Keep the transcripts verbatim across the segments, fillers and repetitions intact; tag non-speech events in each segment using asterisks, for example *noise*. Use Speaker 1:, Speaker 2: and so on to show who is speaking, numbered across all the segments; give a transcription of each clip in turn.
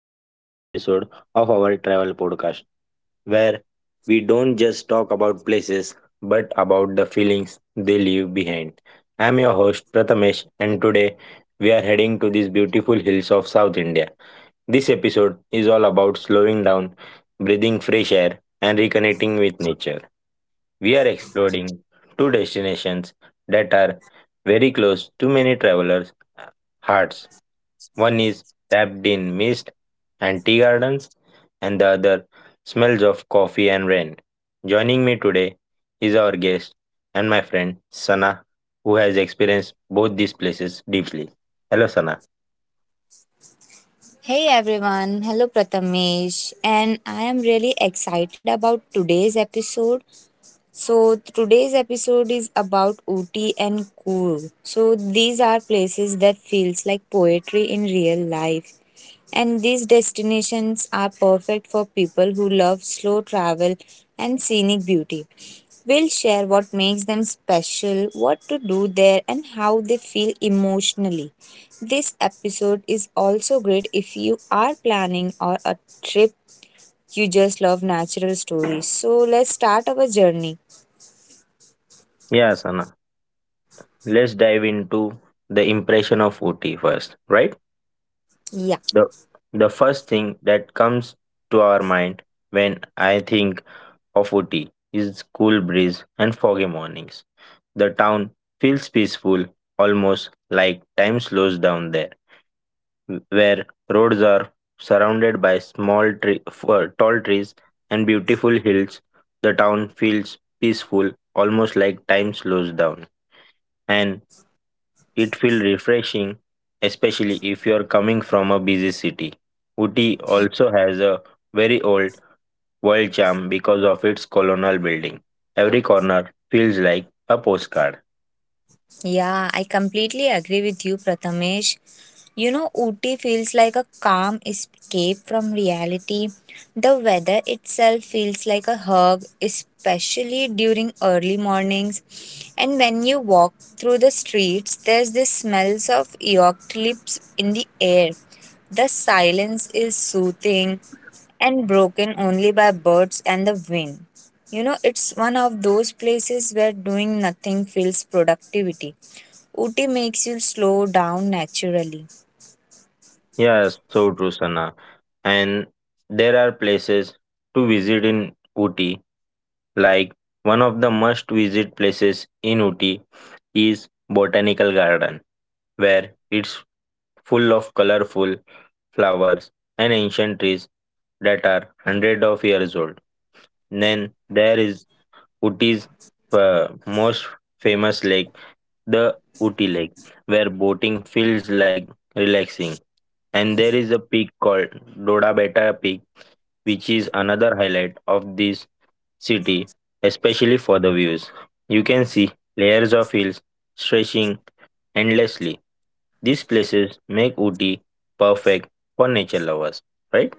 Speaker 1: To another episode of our travel podcast, where we don't just talk about places but about the feelings they leave behind. I'm your host Prathamesh, and today we are heading to these beautiful hills of South India. This episode is all about slowing down, breathing fresh air, and reconnecting with nature. We are exploring two destinations that are very close to many travelers' hearts. One is tapped in mist and tea gardens, and the other smells of coffee and rain. Joining me today is our guest and my friend Sana, who has experienced both these places deeply. Hello, Sana.
Speaker 2: Hey everyone, hello Prathamesh, and I am really excited about today's episode. So, today's episode is about Ooty and Coorg. So, these are places that feels like poetry in real life. And these destinations are perfect for people who love slow travel and scenic beauty. We'll share what makes them special, what to do there, and how they feel emotionally. This episode is also great if you are planning or a trip you just love natural stories. So let's start our journey.
Speaker 1: Yeah, Sana. Let's dive into the impression of Ooty first, right?
Speaker 2: Yeah,
Speaker 1: The the first thing that comes to our mind when I think of Ooty is cool breeze and foggy mornings. The town feels peaceful, almost like time slows down there, where roads are surrounded by small tree, uh, tall trees and beautiful hills. The town feels peaceful, almost like time slows down, and it feels refreshing, especially if you are coming from a busy city. Ooty also has a very old world charm because of its colonial building. Every corner feels like a postcard.
Speaker 2: yeah, I completely agree with you, Prathamesh. You know, Ooty feels like a calm escape from reality. The weather itself feels like a hug, especially during early mornings. And when you walk through the streets, there's this smells of eucalypts in the air. The silence is soothing and broken only by birds and the wind. You know, it's one of those places where doing nothing feels productivity. Ooty makes you slow down naturally.
Speaker 1: Yes, so true, Sana. And there are places to visit in Uti. Like one of the must visit places in Uti is Botanical Garden, where it's full of colorful flowers and ancient trees that are hundreds of years old. Then there is Uti's uh, most famous lake, the Uti Lake, where boating feels like relaxing. And there is a peak called Doda Beta Peak, which is another highlight of this city, especially for the views. You can see layers of hills stretching endlessly. These places make Uti perfect for nature lovers, right?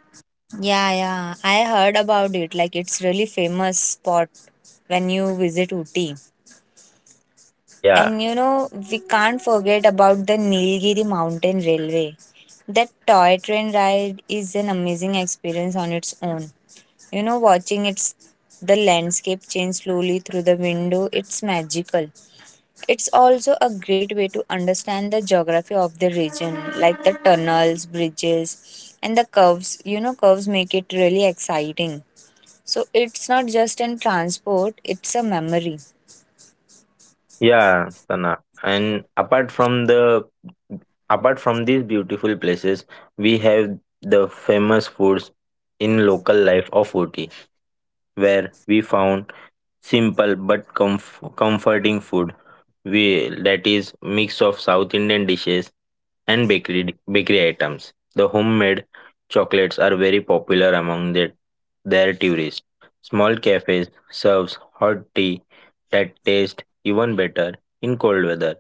Speaker 2: Yeah, yeah. I heard about it. Like it's really famous spot when you visit Ooty.
Speaker 1: Yeah.
Speaker 2: And you know, we can't forget about the Nilgiri Mountain Railway. That toy train ride is an amazing experience on its own. You know, watching its the landscape change slowly through the window, it's magical. It's also a great way to understand the geography of the region, like the tunnels, bridges, and the curves. You know, curves make it really exciting. So it's not just in transport, it's a memory.
Speaker 1: Yeah, Sana. And apart from the apart from these beautiful places, we have the famous foods in local life of Ooty, where we found simple but comf- comforting food we that is mix of South Indian dishes and bakery bakery items. The homemade chocolates are very popular among the, their tourists. Small cafes serves hot tea that tastes even better in cold weather.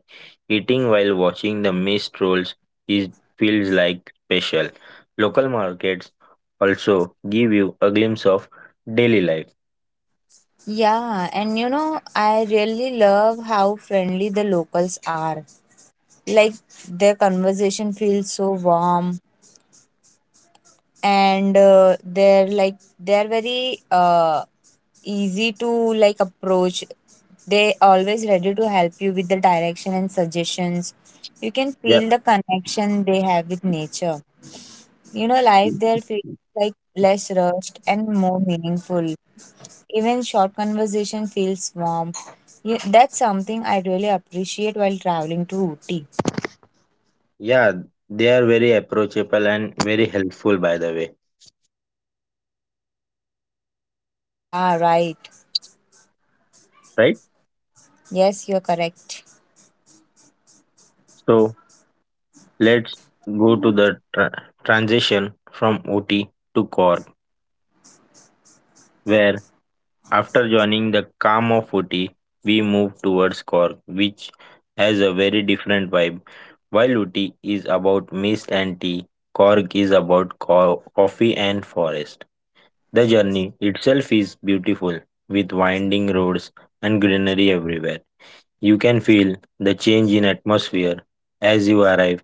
Speaker 1: Eating while watching the mist rolls is feels like special. Local markets also give you a glimpse of daily life.
Speaker 2: Yeah, and you know, I really love how friendly the locals are. Like their conversation feels so warm and uh, they're like they're very uh easy to like approach. They always ready to help you with the direction and suggestions. You can
Speaker 1: Yeah,
Speaker 2: feel the connection they have with nature. You know, life there feels like less rushed and more meaningful. Even short conversation feels warm. You, that's something I really appreciate while traveling to Ooty.
Speaker 1: yeah, they are very approachable and very helpful, by the way.
Speaker 2: Yeah, right.
Speaker 1: Right?
Speaker 2: Yes, you're correct.
Speaker 1: So let's go to the tra- transition from O T to Cork, where after joining the calm of O T, we move towards Cork, which has a very different vibe. While O T is about mist and tea, Cork is about co- coffee and forest. The journey itself is beautiful, with winding roads and greenery everywhere. You can feel the change in atmosphere as you arrive.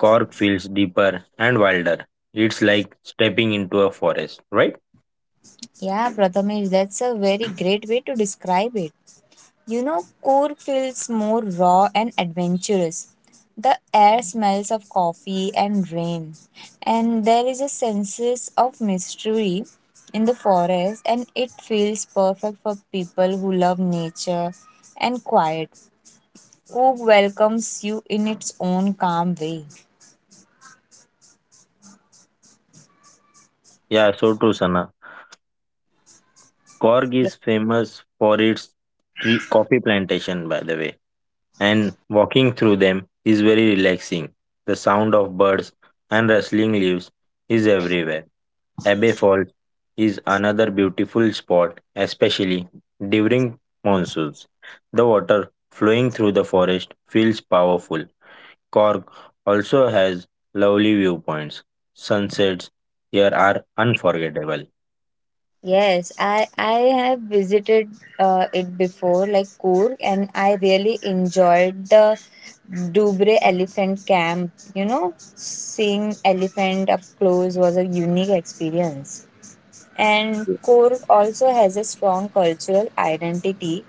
Speaker 1: Cork feels deeper and wilder. It's like stepping into a forest, right?
Speaker 2: Yeah, Prathamesh, that's a very great way to describe it. You know, Coorg feels more raw and adventurous. The air smells of coffee and rain, and there is a sense of mystery in the forest, and it feels perfect for people who love nature and quiet, who welcomes you in its own calm way.
Speaker 1: Yeah, so true, Sana. Cork
Speaker 2: Ye-
Speaker 1: is famous for its tree coffee plantation, by the way, and walking through them is very relaxing. The sound of birds and rustling leaves is everywhere. Abbey Falls is another beautiful spot, especially during monsoons. The water flowing through the forest feels powerful. Cork also has lovely viewpoints. Sunsets here are unforgettable.
Speaker 2: Yes, I I have visited uh, it before, like Coorg, and I really enjoyed the Dubre Elephant Camp. You know, seeing elephant up close was a unique experience. And Coorg also has a strong cultural identity.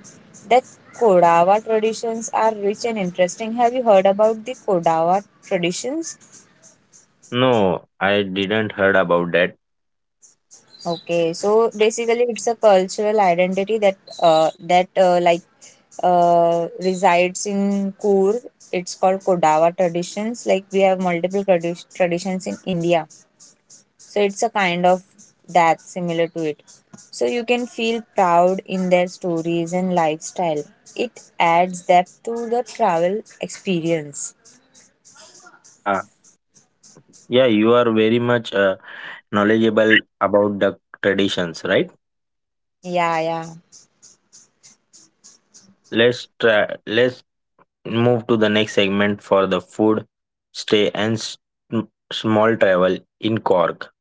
Speaker 2: The Kodawa traditions are rich and interesting. Have you heard about the Kodawa traditions?
Speaker 1: No, I didn't heard about that.
Speaker 2: Okay, so basically, it's a cultural identity that uh, that uh, like uh, resides in Kur. It's called Kodava traditions. Like we have multiple tradi- traditions in India, so it's a kind of that similar to it. So you can feel proud in their stories and lifestyle. It adds depth to the travel experience.
Speaker 1: Yeah, yeah, you are very much uh, knowledgeable about the traditions, right?
Speaker 2: Yeah, yeah.
Speaker 1: So let's try, let's move to the next segment for the food, stay and s- m- small travel in Cork,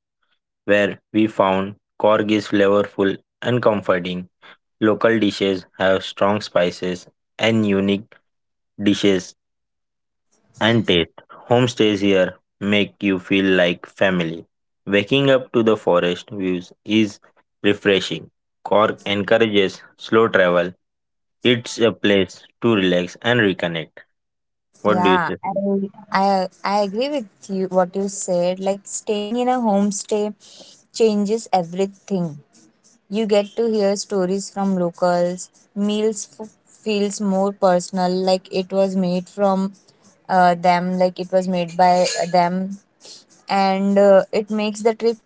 Speaker 1: where we found Cork is flavorful and comforting. Local dishes have strong spices and unique dishes and taste. Homestays here make you feel like family. Waking up to the forest views is refreshing. Cork encourages slow travel. It's a place to relax and reconnect. What do you
Speaker 2: Yeah,
Speaker 1: say,
Speaker 2: I
Speaker 1: Sandeep?
Speaker 2: I I agree with you what you said. Like staying in a homestay changes everything. You get to hear stories from locals. Meals f- feels more personal, like it was made from uh, them, like it was made by them, and uh, it makes the trip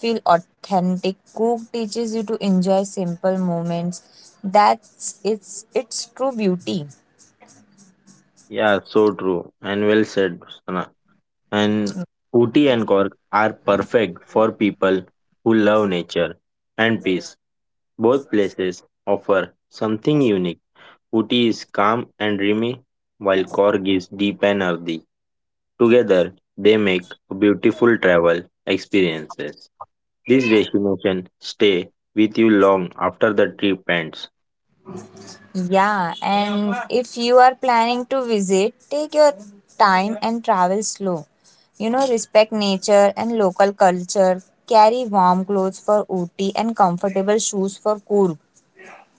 Speaker 2: feel authentic. Cook teaches you to enjoy simple moments. That's it's its true beauty.
Speaker 1: Yeah, so true and well said, Sana. And Ooty and Cork are perfect for people who love nature and peace. Both places offer something unique. Ooty is calm and dreamy, while Korg is deep and earthy. Together, they make beautiful travel experiences. This destination stay with you long after the trip ends.
Speaker 2: Yeah, and if you are planning to visit, take your time and travel slow. You know, respect nature and local culture. Carry warm clothes for Ooty and comfortable shoes for Coorg.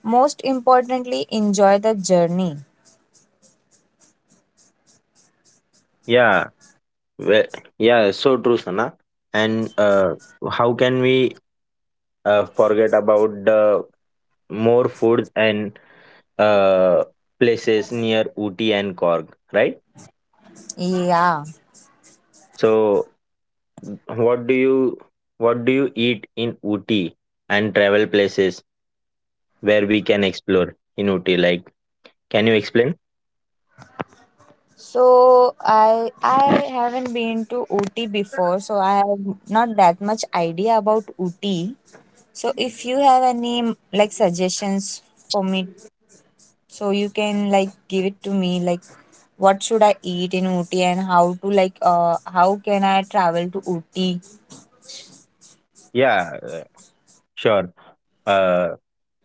Speaker 2: Most importantly, enjoy the journey.
Speaker 1: Yeah, we- yeah, so true, Sana. And uh, how can we uh, forget about the more food and uh, places near Ooty and Korg, right?
Speaker 2: Yeah.
Speaker 1: So what do you what do you eat in Ooty, and travel places where we can explore in Ooty? Like, can you explain?
Speaker 2: So I I haven't been to Ooty before, so I have not that much idea about Ooty. So if you have any like suggestions for me. So you can like give it to me like what should I eat in Ooty and how to like uh how can I travel to Ooty?
Speaker 1: Yeah, uh, sure. Uh,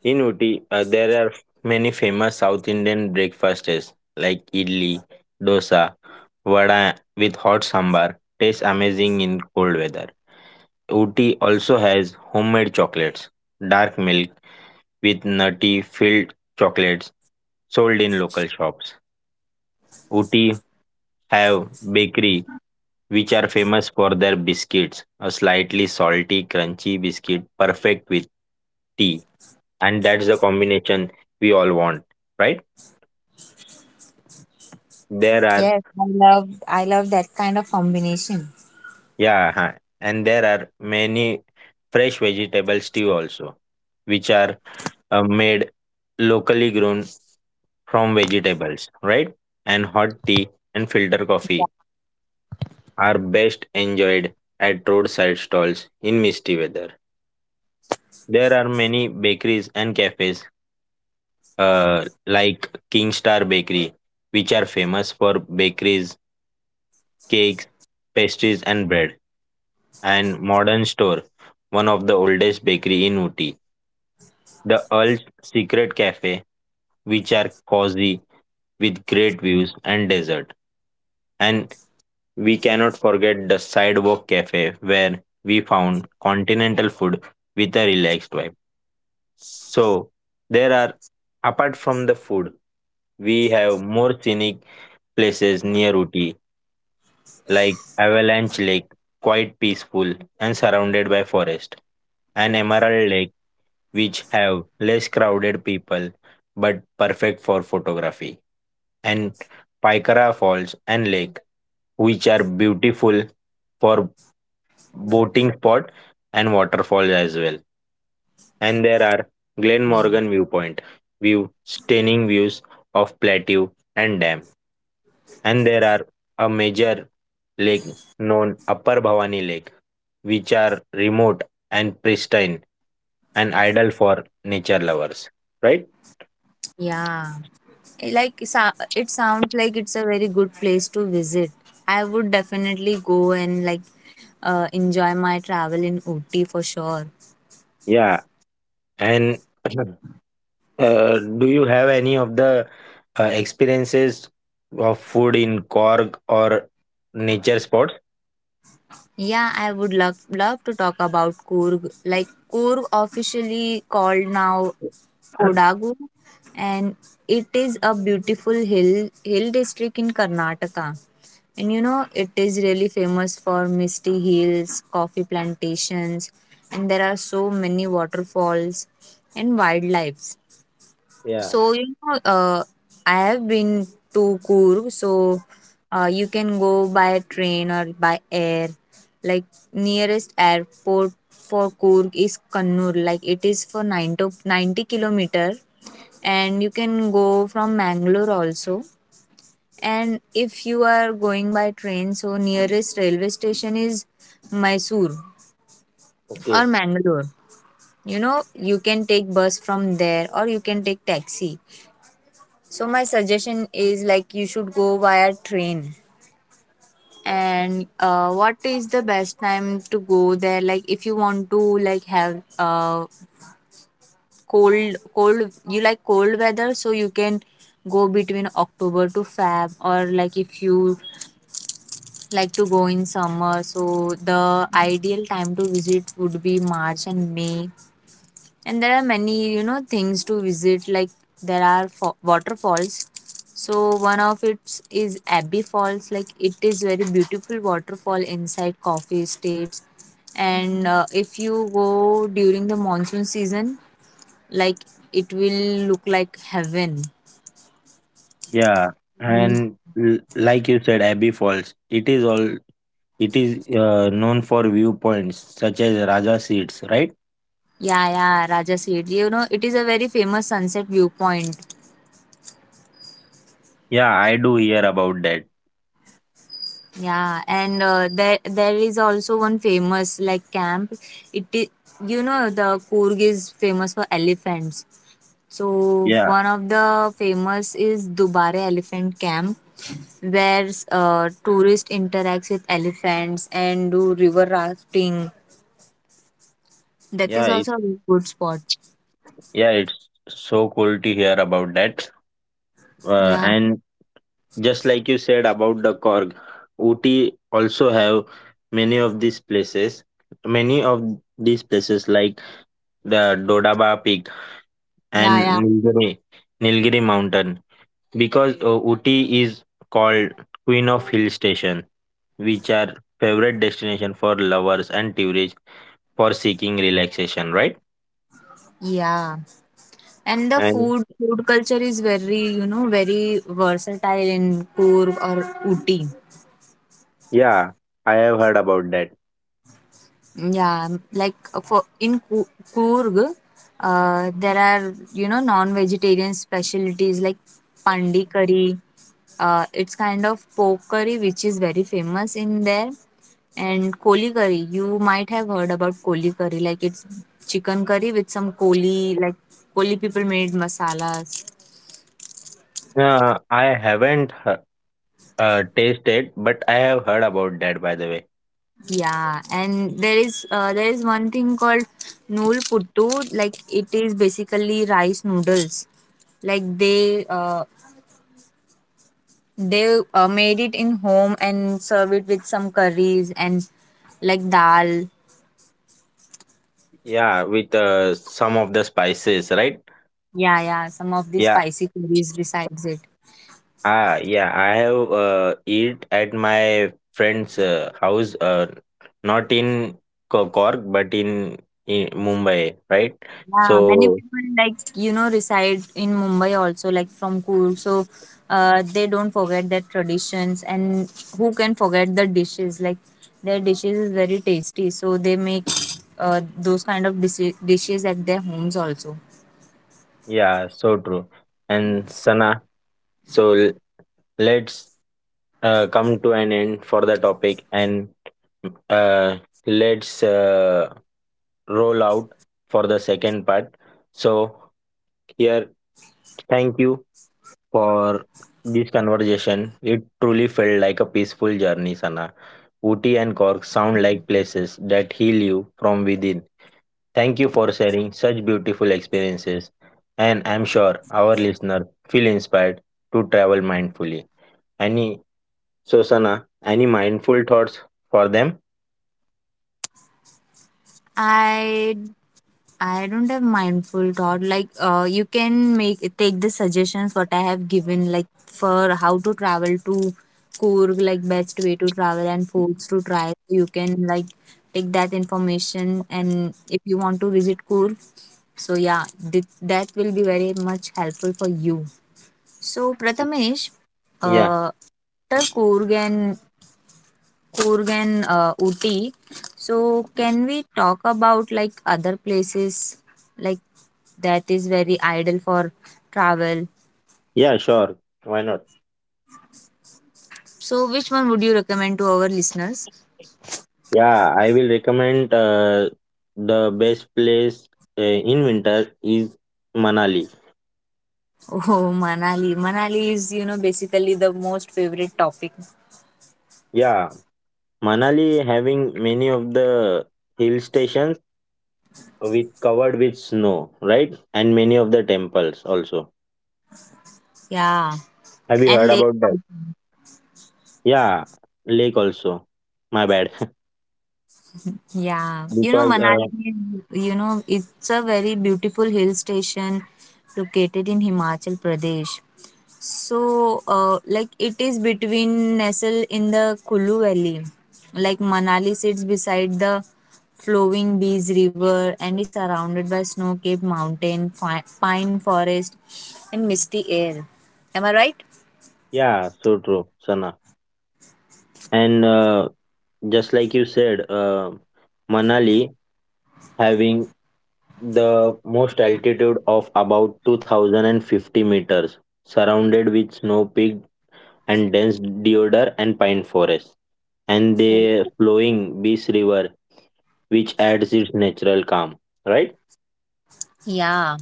Speaker 1: in Ooty, uh, there are many famous South Indian breakfasts like idli, dosa, vada with hot sambar. Tastes amazing in cold weather. Ooty also has homemade chocolates, dark milk with nutty filled chocolates sold in local shops. Ooty have bakery which are famous for their biscuits, a slightly salty, crunchy biscuit perfect with tea. And that's the combination we all want, right? There are
Speaker 2: Yes, I love I love that kind of combination.
Speaker 1: Yeah, huh, and there are many fresh vegetable stew also, which are uh, made locally grown from vegetables, right? And hot tea and filter coffee are best enjoyed at roadside stalls in misty weather. There are many bakeries and cafes, uh, like King Star Bakery, which are famous for bakeries, cakes, pastries, and bread. And Modern Store, one of the oldest bakery in Uti. The Earl's Secret Cafe, which are cozy with great views and desert. And we cannot forget the Sidewalk Cafe, where we found continental food with a relaxed vibe. So there are apart from the food, we have more scenic places near Uti, like Avalanche Lake, quite peaceful and surrounded by forest, and Emerald Lake, which have less crowded people but perfect for photography, and Paikara Falls and Lake, which are beautiful for boating spot and waterfalls as well. And there are Glen
Speaker 2: Yeah.
Speaker 1: Morgan viewpoint, view stunning views of plateau and dam. And there are a major lake known Upper Bhavani Lake, which are remote and pristine and ideal for nature lovers, right?
Speaker 2: Yeah, it like so- it sounds like it's a very good place to visit. I would definitely go and like uh, enjoy my travel in Ooty for sure.
Speaker 1: Yeah, and *clears throat* uh, do you have any of the uh, experiences of food in Korg or nature spots?
Speaker 2: Yeah, I would love love to talk about Coorg. Like Coorg, officially called now
Speaker 1: *coughs* *clears throat*
Speaker 2: Kodagu, and it is a beautiful hill hill district in Karnataka. And you know, it is really famous for misty hills, coffee plantations, and there are so many waterfalls and wildlife.
Speaker 1: Yeah,
Speaker 2: So, you know, uh, I have been to Coorg, so uh, you can go by train or by air. Like nearest airport for Coorg is Kannur. Like it is for 90, 90 kilometer, and you can go from Mangalore also. And if you are going by train, so nearest railway station is Mysore or
Speaker 1: okay.
Speaker 2: Mangalore. You know, you can take bus from there or you can take taxi. So my suggestion is like you should go via train. And uh, what is the best time to go there? Like if you want to like have uh cold cold you like cold weather, so you can go between October to Feb. Or like if you like to go in summer, so the ideal time to visit would be March and May. And there are many you know things to visit like there are fo- waterfalls, so one of it is Abbey Falls. Like it is very beautiful waterfall inside coffee states, and uh, if you go during the monsoon season, like it will look like heaven.
Speaker 1: Yeah, and l- like you said, Abbey Falls. It is all. It is uh, known for viewpoints such as Raja Seats, right?
Speaker 2: Yeah, yeah, Raja Seat, you know it is a very famous sunset viewpoint.
Speaker 1: Yeah, I do hear about that.
Speaker 2: Yeah, and uh, there there is also one famous like camp. It is you know the Coorg is famous for elephants. So
Speaker 1: Yeah,
Speaker 2: one of the famous is Dubare Elephant Camp, where uh, tourists interact with elephants and do river rafting. That is
Speaker 1: yeah, it,
Speaker 2: also a good spot.
Speaker 1: yeah. It's so cool to hear about that. Uh,
Speaker 2: Yeah,
Speaker 1: and just like you said about the Korg, Ooty also have many of these places. Many of these places like the Dodaba Peak
Speaker 2: yeah,
Speaker 1: and
Speaker 2: yeah,
Speaker 1: Nilgiri, Nilgiri Mountain, because uh, Ooty is called Queen of Hill Station, which are favorite destination for lovers and tourists for seeking relaxation. Right?
Speaker 2: yeah. And the
Speaker 1: And
Speaker 2: food food culture is very you know very versatile in Coorg or Ooty.
Speaker 1: yeah, I have heard about that.
Speaker 2: Yeah, like uh, for in Ku- Coorg, uh, there are you know non-vegetarian specialties like pandi curry. Uh, it's kind of pork curry which is very famous in there, and koli curry. You might have heard about koli curry, like it's chicken curry with some koli, like koli people made masalas.
Speaker 1: Uh, I haven't h- uh, tasted, but I have heard about that, by the way.
Speaker 2: Yeah, and there is uh, there is one thing called nool puttu. Like it is basically rice noodles. Like they uh, they uh, made it in home and serve it with some curries and like dal.
Speaker 1: Yeah, with uh, some of the spices, right?
Speaker 2: Yeah, yeah, some of the
Speaker 1: Yeah,
Speaker 2: spicy curries besides it.
Speaker 1: ah, yeah. I have uh, eat at my friend's uh, house, uh, not in Ko- Cork, but in, in Mumbai, right?
Speaker 2: Yeah, many
Speaker 1: So
Speaker 2: people like you know reside in Mumbai also like from Coorg, so uh, they don't forget their traditions and who can forget the dishes, like their dishes is very tasty, so they make uh, those kind of dis- dishes at their homes also.
Speaker 1: yeah, so true. And Sana, so l- let's uh, come to an end for the topic, and uh, let's. Uh, roll out for the second part. So, here, thank you for this conversation. It truly felt like a peaceful journey, Sana. Ooty and Cork sound like places that heal you from within. Thank you for sharing such beautiful experiences, and I'm sure our listener feel inspired to travel mindfully. Any, so Sana, any mindful thoughts for them?
Speaker 2: I I don't have mindful thought. Like, uh, you can make take the suggestions what I have given, like for how to travel to Coorg, like best way to travel and foods to try. You can like take that information, and if you want to visit Coorg, so yeah, th- that will be very much helpful for you. So Prathamesh,
Speaker 1: Yeah,
Speaker 2: uh, after Coorg and Kurgan, uh, Ooty. So, can we talk about like other places like that is very ideal for travel?
Speaker 1: yeah, sure. Why not?
Speaker 2: So, which one would you recommend to our listeners? *laughs*
Speaker 1: Yeah, I will recommend uh, the best place uh, in winter is Manali.
Speaker 2: Oh, Manali. Manali is, you know, basically the most favorite topic.
Speaker 1: Yeah, Manali having many of the hill stations with covered with snow, right? And many of the temples also.
Speaker 2: Yeah.
Speaker 1: Have you
Speaker 2: And
Speaker 1: heard
Speaker 2: Lake.
Speaker 1: about that? Yeah, lake also. My bad. *laughs*
Speaker 2: Yeah, you know,
Speaker 1: because uh,
Speaker 2: Manali, you know, it's a very beautiful hill station located in Himachal Pradesh. So, uh, like, it is between nestled in the Kulu Valley. Like, Manali sits beside the flowing Bees River and is surrounded by snow capped mountain, fi- pine forest, and misty air. Am I right?
Speaker 1: Yeah, so true, Sana. And uh, just like you said, uh, Manali having the most altitude of about two thousand fifty meters, surrounded with snow peak and dense deodar and pine forest, and
Speaker 2: Right.
Speaker 1: the flowing Bees River, which adds its natural calm, right?
Speaker 2: Yeah.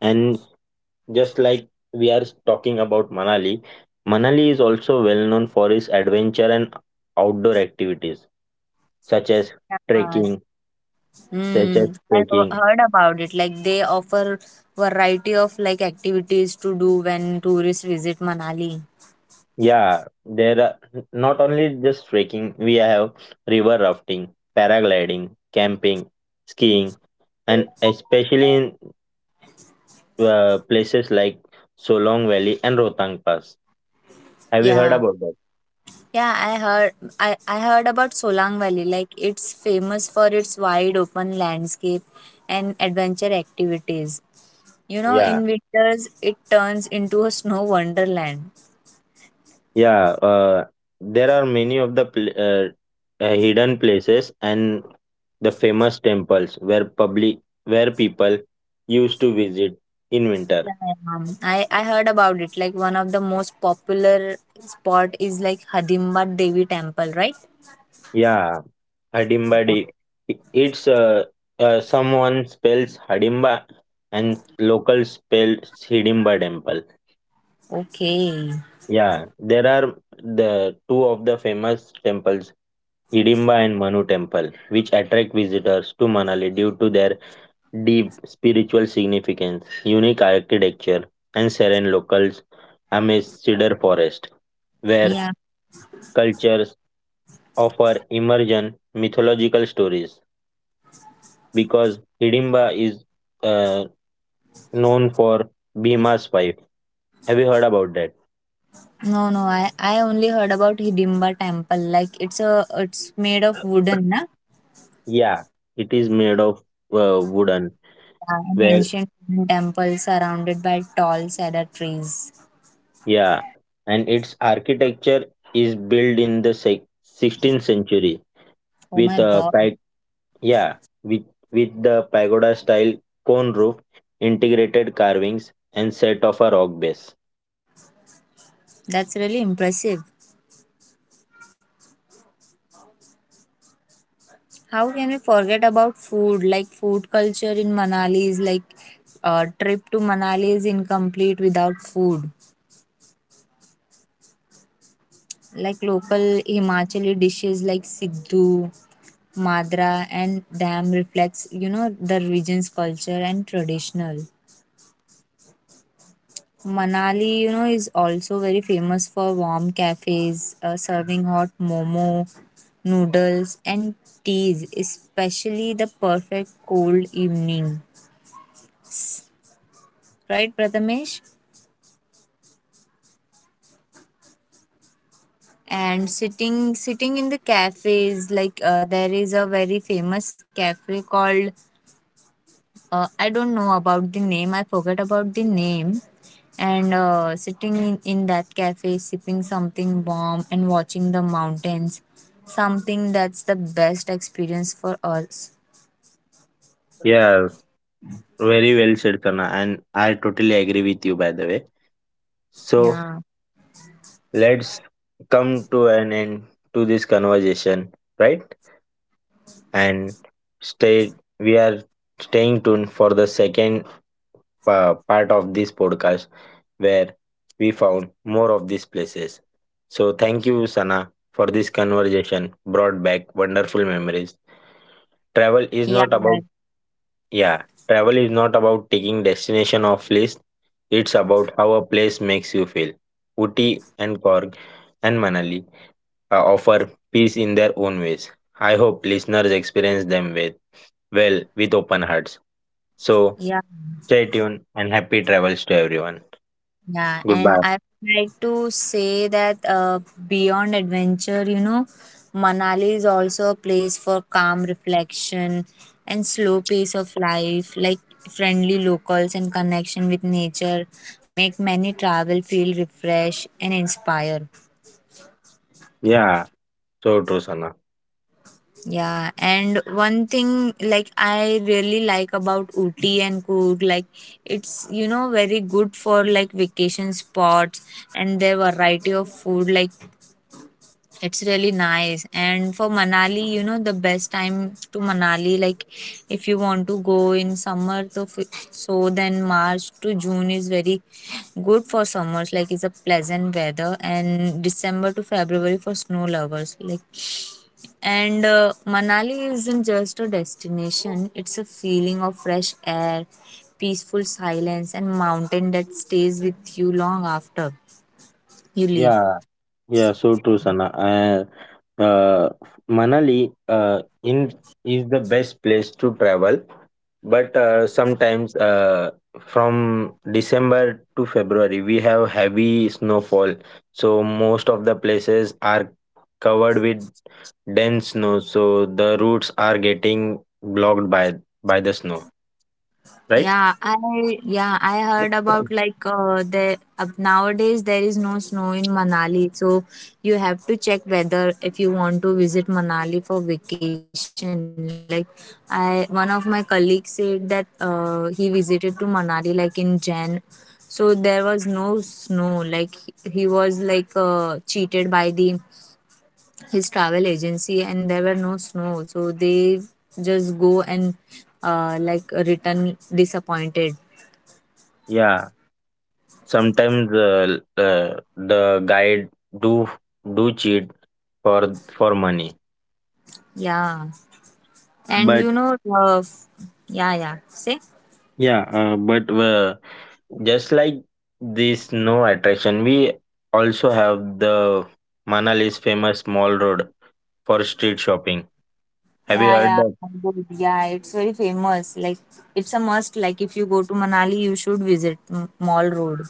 Speaker 1: And just like we are talking about Manali, Manali is also well known for its adventure and outdoor activities such as trekking, such as
Speaker 2: Mm, I've
Speaker 1: trekking.
Speaker 2: heard about it. Like they offer variety of like activities to do when tourists visit Manali.
Speaker 1: Yeah, there are not only just trekking, we have river rafting, paragliding, camping, skiing, and especially in uh, places like Solong Valley and Rotang Pass. Have you heard
Speaker 2: Yeah.
Speaker 1: about that?
Speaker 2: Yeah, I heard I, I heard about Solang Valley. Like it's famous for its wide open landscape and adventure activities. You know,
Speaker 1: Yeah,
Speaker 2: in winters it turns into a snow wonderland.
Speaker 1: yeah. Uh, there are many of the pl- uh, uh, hidden places and the famous temples where public where people used to visit in winter.
Speaker 2: Yeah, um, I, I heard about it. Like one of the most popular spot is like Hadimbat Devi Temple, right?
Speaker 1: Yeah, Hadimbadi. It's uh, uh, someone spells Hadimba and locals spell Hidimba temple.
Speaker 2: Okay.
Speaker 1: Yeah, there are the two of the famous temples, Hidimba and Manu temple, which attract visitors to Manali due to their deep spiritual significance, unique architecture, and serene locals amidst cedar forest, where
Speaker 2: Yeah.
Speaker 1: cultures offer emergent mythological stories, because Hidimba is uh, known for Bhima's wife. Have you heard about that?
Speaker 2: No, no, I I only heard about Hidimba temple. Like it's a it's made of wooden, na?
Speaker 1: Yeah, it is made of uh, wooden.
Speaker 2: Yeah, an
Speaker 1: Where
Speaker 2: ancient wooden temple surrounded by tall cedar trees.
Speaker 1: Yeah, and its architecture is built in the sec- sixteenth century
Speaker 2: Oh my
Speaker 1: with a
Speaker 2: God,
Speaker 1: pag- yeah with with the pagoda style cone roof, integrated carvings, and set of a rock base.
Speaker 2: that's really impressive.
Speaker 1: Have you heard that?
Speaker 2: How can we forget about food? Like food culture in Manali is like a trip to Manali is incomplete without food. Like local Himachali dishes like Siddhu, Madra and Dam reflects, you know, the region's
Speaker 1: Hello,
Speaker 2: culture
Speaker 1: Sana.
Speaker 2: and traditional. Manali, you know, is also very famous for warm cafes uh, serving hot momo, noodles, and teas, especially the perfect cold evening. Right, Prathamesh? And sitting sitting in the cafes, like uh, there is a very famous cafe called. Uh, I don't know about the name. I forget about the name. And uh, sitting in, in that cafe, sipping something warm and watching the mountains, something that's the best experience for us.
Speaker 1: Yeah, very well said, Kana, and I totally agree with you, by the way. So
Speaker 2: Yeah.
Speaker 1: let's come to an end to this conversation, right? And stay. We are staying tuned for the second uh, part of this podcast where we found more of these places. So thank you, Sana, for this conversation. Brought back wonderful memories. Travel is
Speaker 2: Yeah.
Speaker 1: not about Yeah, travel is not about taking destination off list. It's about how a place makes you feel. Uti and Korg and Manali uh, offer peace in their own ways. I hope listeners experience them with well with open hearts. So
Speaker 2: Yeah.
Speaker 1: stay tuned and happy travels to everyone.
Speaker 2: Yeah, and
Speaker 1: Goodbye.
Speaker 2: I would like to say that uh, beyond adventure, you know, Manali is also a place for calm reflection and slow pace of life, like friendly locals and connection with nature make many travel feel refreshed and inspire.
Speaker 1: Yeah, so true, Sana.
Speaker 2: Yeah, and one thing like I really like about Ooty and Coorg, like it's you know very good for like vacation spots and their variety of food like it's really nice. And for Manali, you know, the best time to Manali, like if you want to go in summer, so, f- so then March to June is very good for summers. Like it's a pleasant weather, and December to February for snow lovers. Like, and uh, Manali isn't just a destination, it's a feeling of fresh air, peaceful silence, and mountain that stays with you long after you leave.
Speaker 1: Yeah, yeah, so true, Sana. Uh, uh, Manali uh, in is the best place to travel. But uh, sometimes uh, from December to February, we have heavy snowfall. So most of the places are covered with dense snow. So the routes are getting blocked by by the snow, right?
Speaker 2: Yeah, I yeah, I heard about like uh, the uh, nowadays there is no snow in Manali, so you have to check whether if you want to visit Manali for vacation. Like I one of my colleagues said that uh, he visited to Manali like in Jan. So there was no snow. Like he he was like uh, cheated by the his travel agency and there were no snow. So they just go and uh, like return disappointed.
Speaker 1: Yeah. Sometimes uh, uh, the guide do do cheat for for money.
Speaker 2: Yeah. And
Speaker 1: But
Speaker 2: you know, uh, yeah, yeah. Say?
Speaker 1: yeah, uh, but uh, just like this no attraction, we also have the Manali's famous Mall Road for street shopping. Have you
Speaker 2: Yeah,
Speaker 1: heard
Speaker 2: yeah.
Speaker 1: that?
Speaker 2: Good. Yeah, it's very famous. Like, it's a must. Like, if you go to Manali, you should visit M- Mall Road.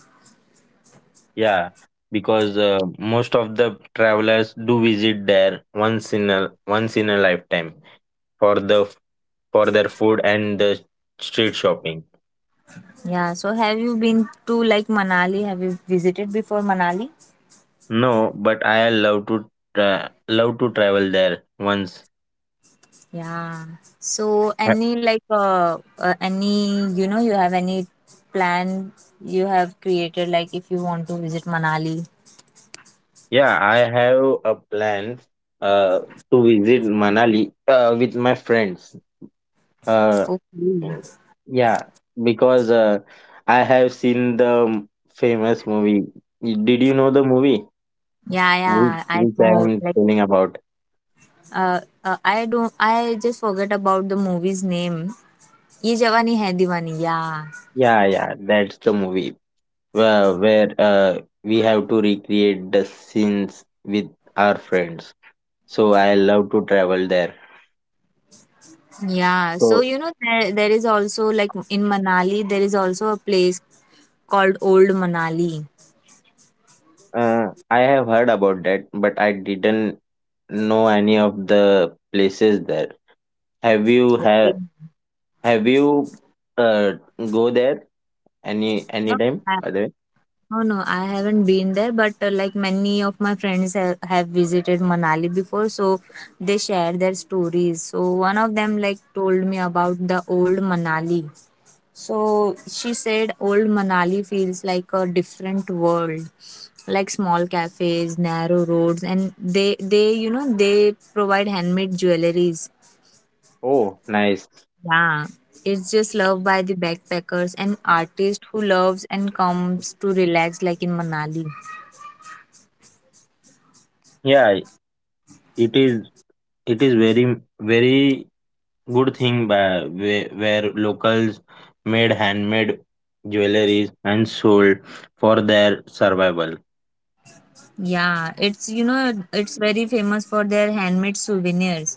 Speaker 1: Yeah, because uh, most of the travelers do visit there once in a once in a lifetime for the for their food and the street shopping.
Speaker 2: Yeah. So, have you been to like Manali? Have you visited before Manali?
Speaker 1: No, but I love to tra- love to travel there once.
Speaker 2: Yeah. So, any like, uh, uh, any, you know, you have any plan you have created, like, if you want to visit Manali?
Speaker 1: Yeah, I have a plan uh, to visit Manali uh, with my friends. Uh,
Speaker 2: Okay.
Speaker 1: yeah, because uh, I have seen the famous movie. Did you know the movie
Speaker 2: Yeah,
Speaker 1: Whi-
Speaker 2: yeah. I
Speaker 1: which I
Speaker 2: know.
Speaker 1: am
Speaker 2: Like,
Speaker 1: telling about?
Speaker 2: Uh, uh, I don't. I just forget about the movie's name. Ye Jawani Hai Diwani. Yeah,
Speaker 1: Yeah, yeah, that's the movie uh, where uh, we have to recreate the scenes with our friends. So I love to travel there.
Speaker 2: yeah. So
Speaker 1: So
Speaker 2: you know there, there is also like in Manali there is also a place called Old Manali.
Speaker 1: Uh, I have heard about that, but I didn't know any of the places there. Have you have
Speaker 2: Okay.
Speaker 1: have you uh go there any
Speaker 2: No,
Speaker 1: any time
Speaker 2: I,
Speaker 1: by the way?
Speaker 2: no, no. I haven't been there, but uh, like many of my friends have, have visited Manali before, so they share their stories. So one of them like told me about the Old Manali. So she said old Manali feels like a different world, like small cafes, narrow roads, and they they you know they provide handmade jewelries.
Speaker 1: Oh, nice.
Speaker 2: Yeah, it's just loved by the backpackers and artists who loves and comes to relax like in Manali.
Speaker 1: Yeah, it is it is very very good thing by where, where locals made handmade jewelries and sold for their survival.
Speaker 2: Yeah, it's you know it's very famous for their handmade souvenirs.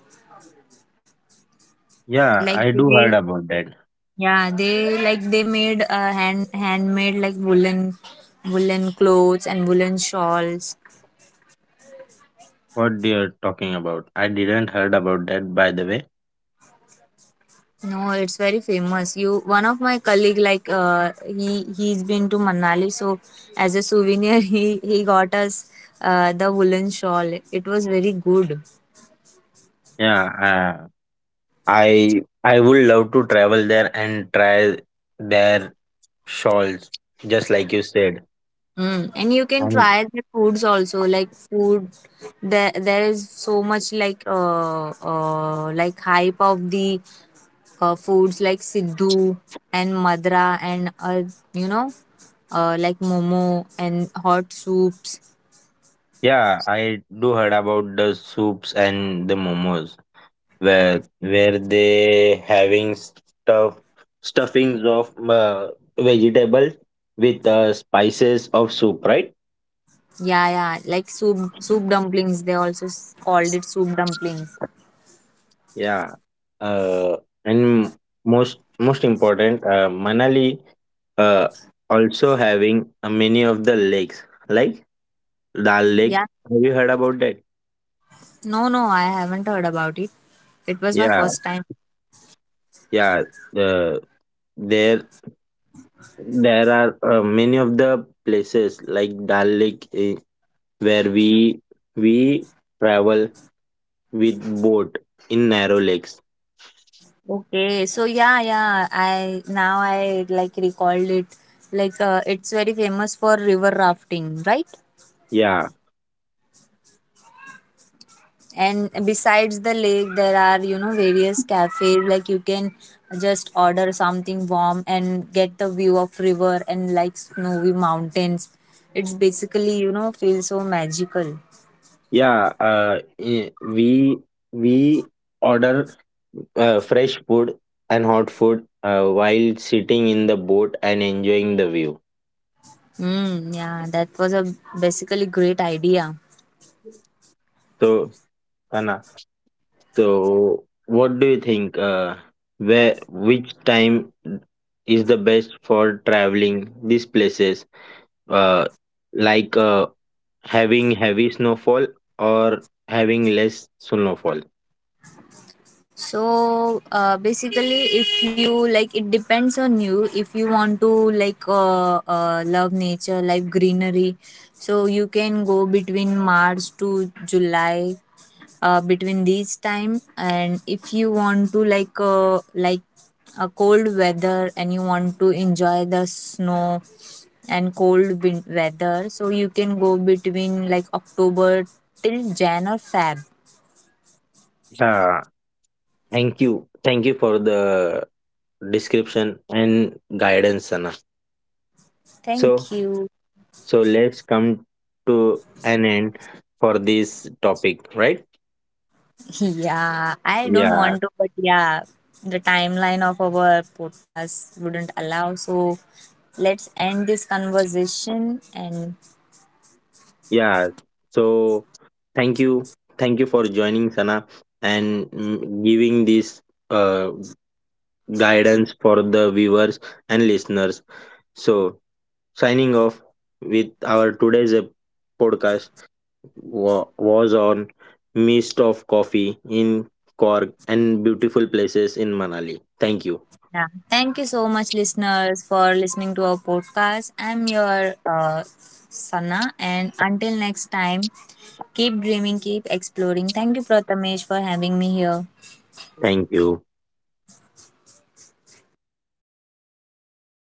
Speaker 1: Yeah,
Speaker 2: Like
Speaker 1: I do heard
Speaker 2: they—
Speaker 1: about that.
Speaker 2: yeah, they like they made uh, hand handmade like woolen woolen clothes and woolen shawls.
Speaker 1: What you're talking about? I didn't heard about that by the way.
Speaker 2: No, it's very famous. You one of my colleague like uh, he he's been to Manali, so as a souvenir *laughs* he he got us uh, the woolen shawl. It was very good.
Speaker 1: Yeah, uh, I I would love to travel there and try their shawls, just like you said.
Speaker 2: Mm. And you can
Speaker 1: And
Speaker 2: try the foods also like food. There there is so much like uh, uh like hype of the uh, foods like Siddhu and Madra and uh, you know uh, like momo and hot soups.
Speaker 1: yeah, I do heard about the soups and the momos where where they having stuff stuffings of uh, vegetables with uh, spices of soup, right?
Speaker 2: Yeah, yeah, like soup soup dumplings. They also s- called it soup dumplings.
Speaker 1: Yeah, uh, and most most important, uh, Manali uh, also having uh, many of the lakes, like Dal Lake.
Speaker 2: Yeah,
Speaker 1: Have you heard about that?
Speaker 2: no, no, I haven't heard about it. It was my
Speaker 1: Yeah,
Speaker 2: first time.
Speaker 1: yeah. The there there are uh, many of the places like Dal Lake eh, where we we travel with boat in narrow lakes.
Speaker 2: Okay, so yeah, yeah, I now I like recalled it. Like uh, it's very famous for river rafting, right?
Speaker 1: Yeah.
Speaker 2: And besides the lake there are you know various cafes like you can just order something warm and get the view of river and like snowy mountains. It's basically you know feel so magical.
Speaker 1: Yeah, uh, eh, we we order uh, fresh food and hot food uh, while sitting in the boat and enjoying the view.
Speaker 2: Mm, yeah, that was a basically great idea.
Speaker 1: So, Kana, so what do you think? Uh, where which time is the best for traveling these places? Uh, like uh, Having heavy snowfall or having less snowfall?
Speaker 2: So uh, basically if you like it depends on you if you want to like uh, uh, love nature like greenery, so you can go between March to July, uh, between these time. And if you want to like uh, like a cold weather and you want to enjoy the snow and cold win- weather, so you can go between like October till Jan or Feb.
Speaker 1: Yeah, thank you, thank you for the description and guidance, Sana.
Speaker 2: Thank
Speaker 1: so
Speaker 2: you.
Speaker 1: so let's come to an end for this topic, right?
Speaker 2: *laughs* Yeah, I don't
Speaker 1: Yeah,
Speaker 2: want to, but yeah, the timeline of our podcast wouldn't allow, so let's end this conversation and—
Speaker 1: yeah, so thank you, thank you for joining, Sana, and mm, giving this uh, guidance for the viewers and listeners. So signing off with our today's uh, podcast wa- was on Mist of Coffee in Cork and beautiful places in Manali. Thank you.
Speaker 2: yeah. Thank you so much, listeners, for listening to our podcast. I'm your uh, Sana, and until next time, keep dreaming, keep exploring. Thank you, Prathamesh, for having me here.
Speaker 1: Thank you.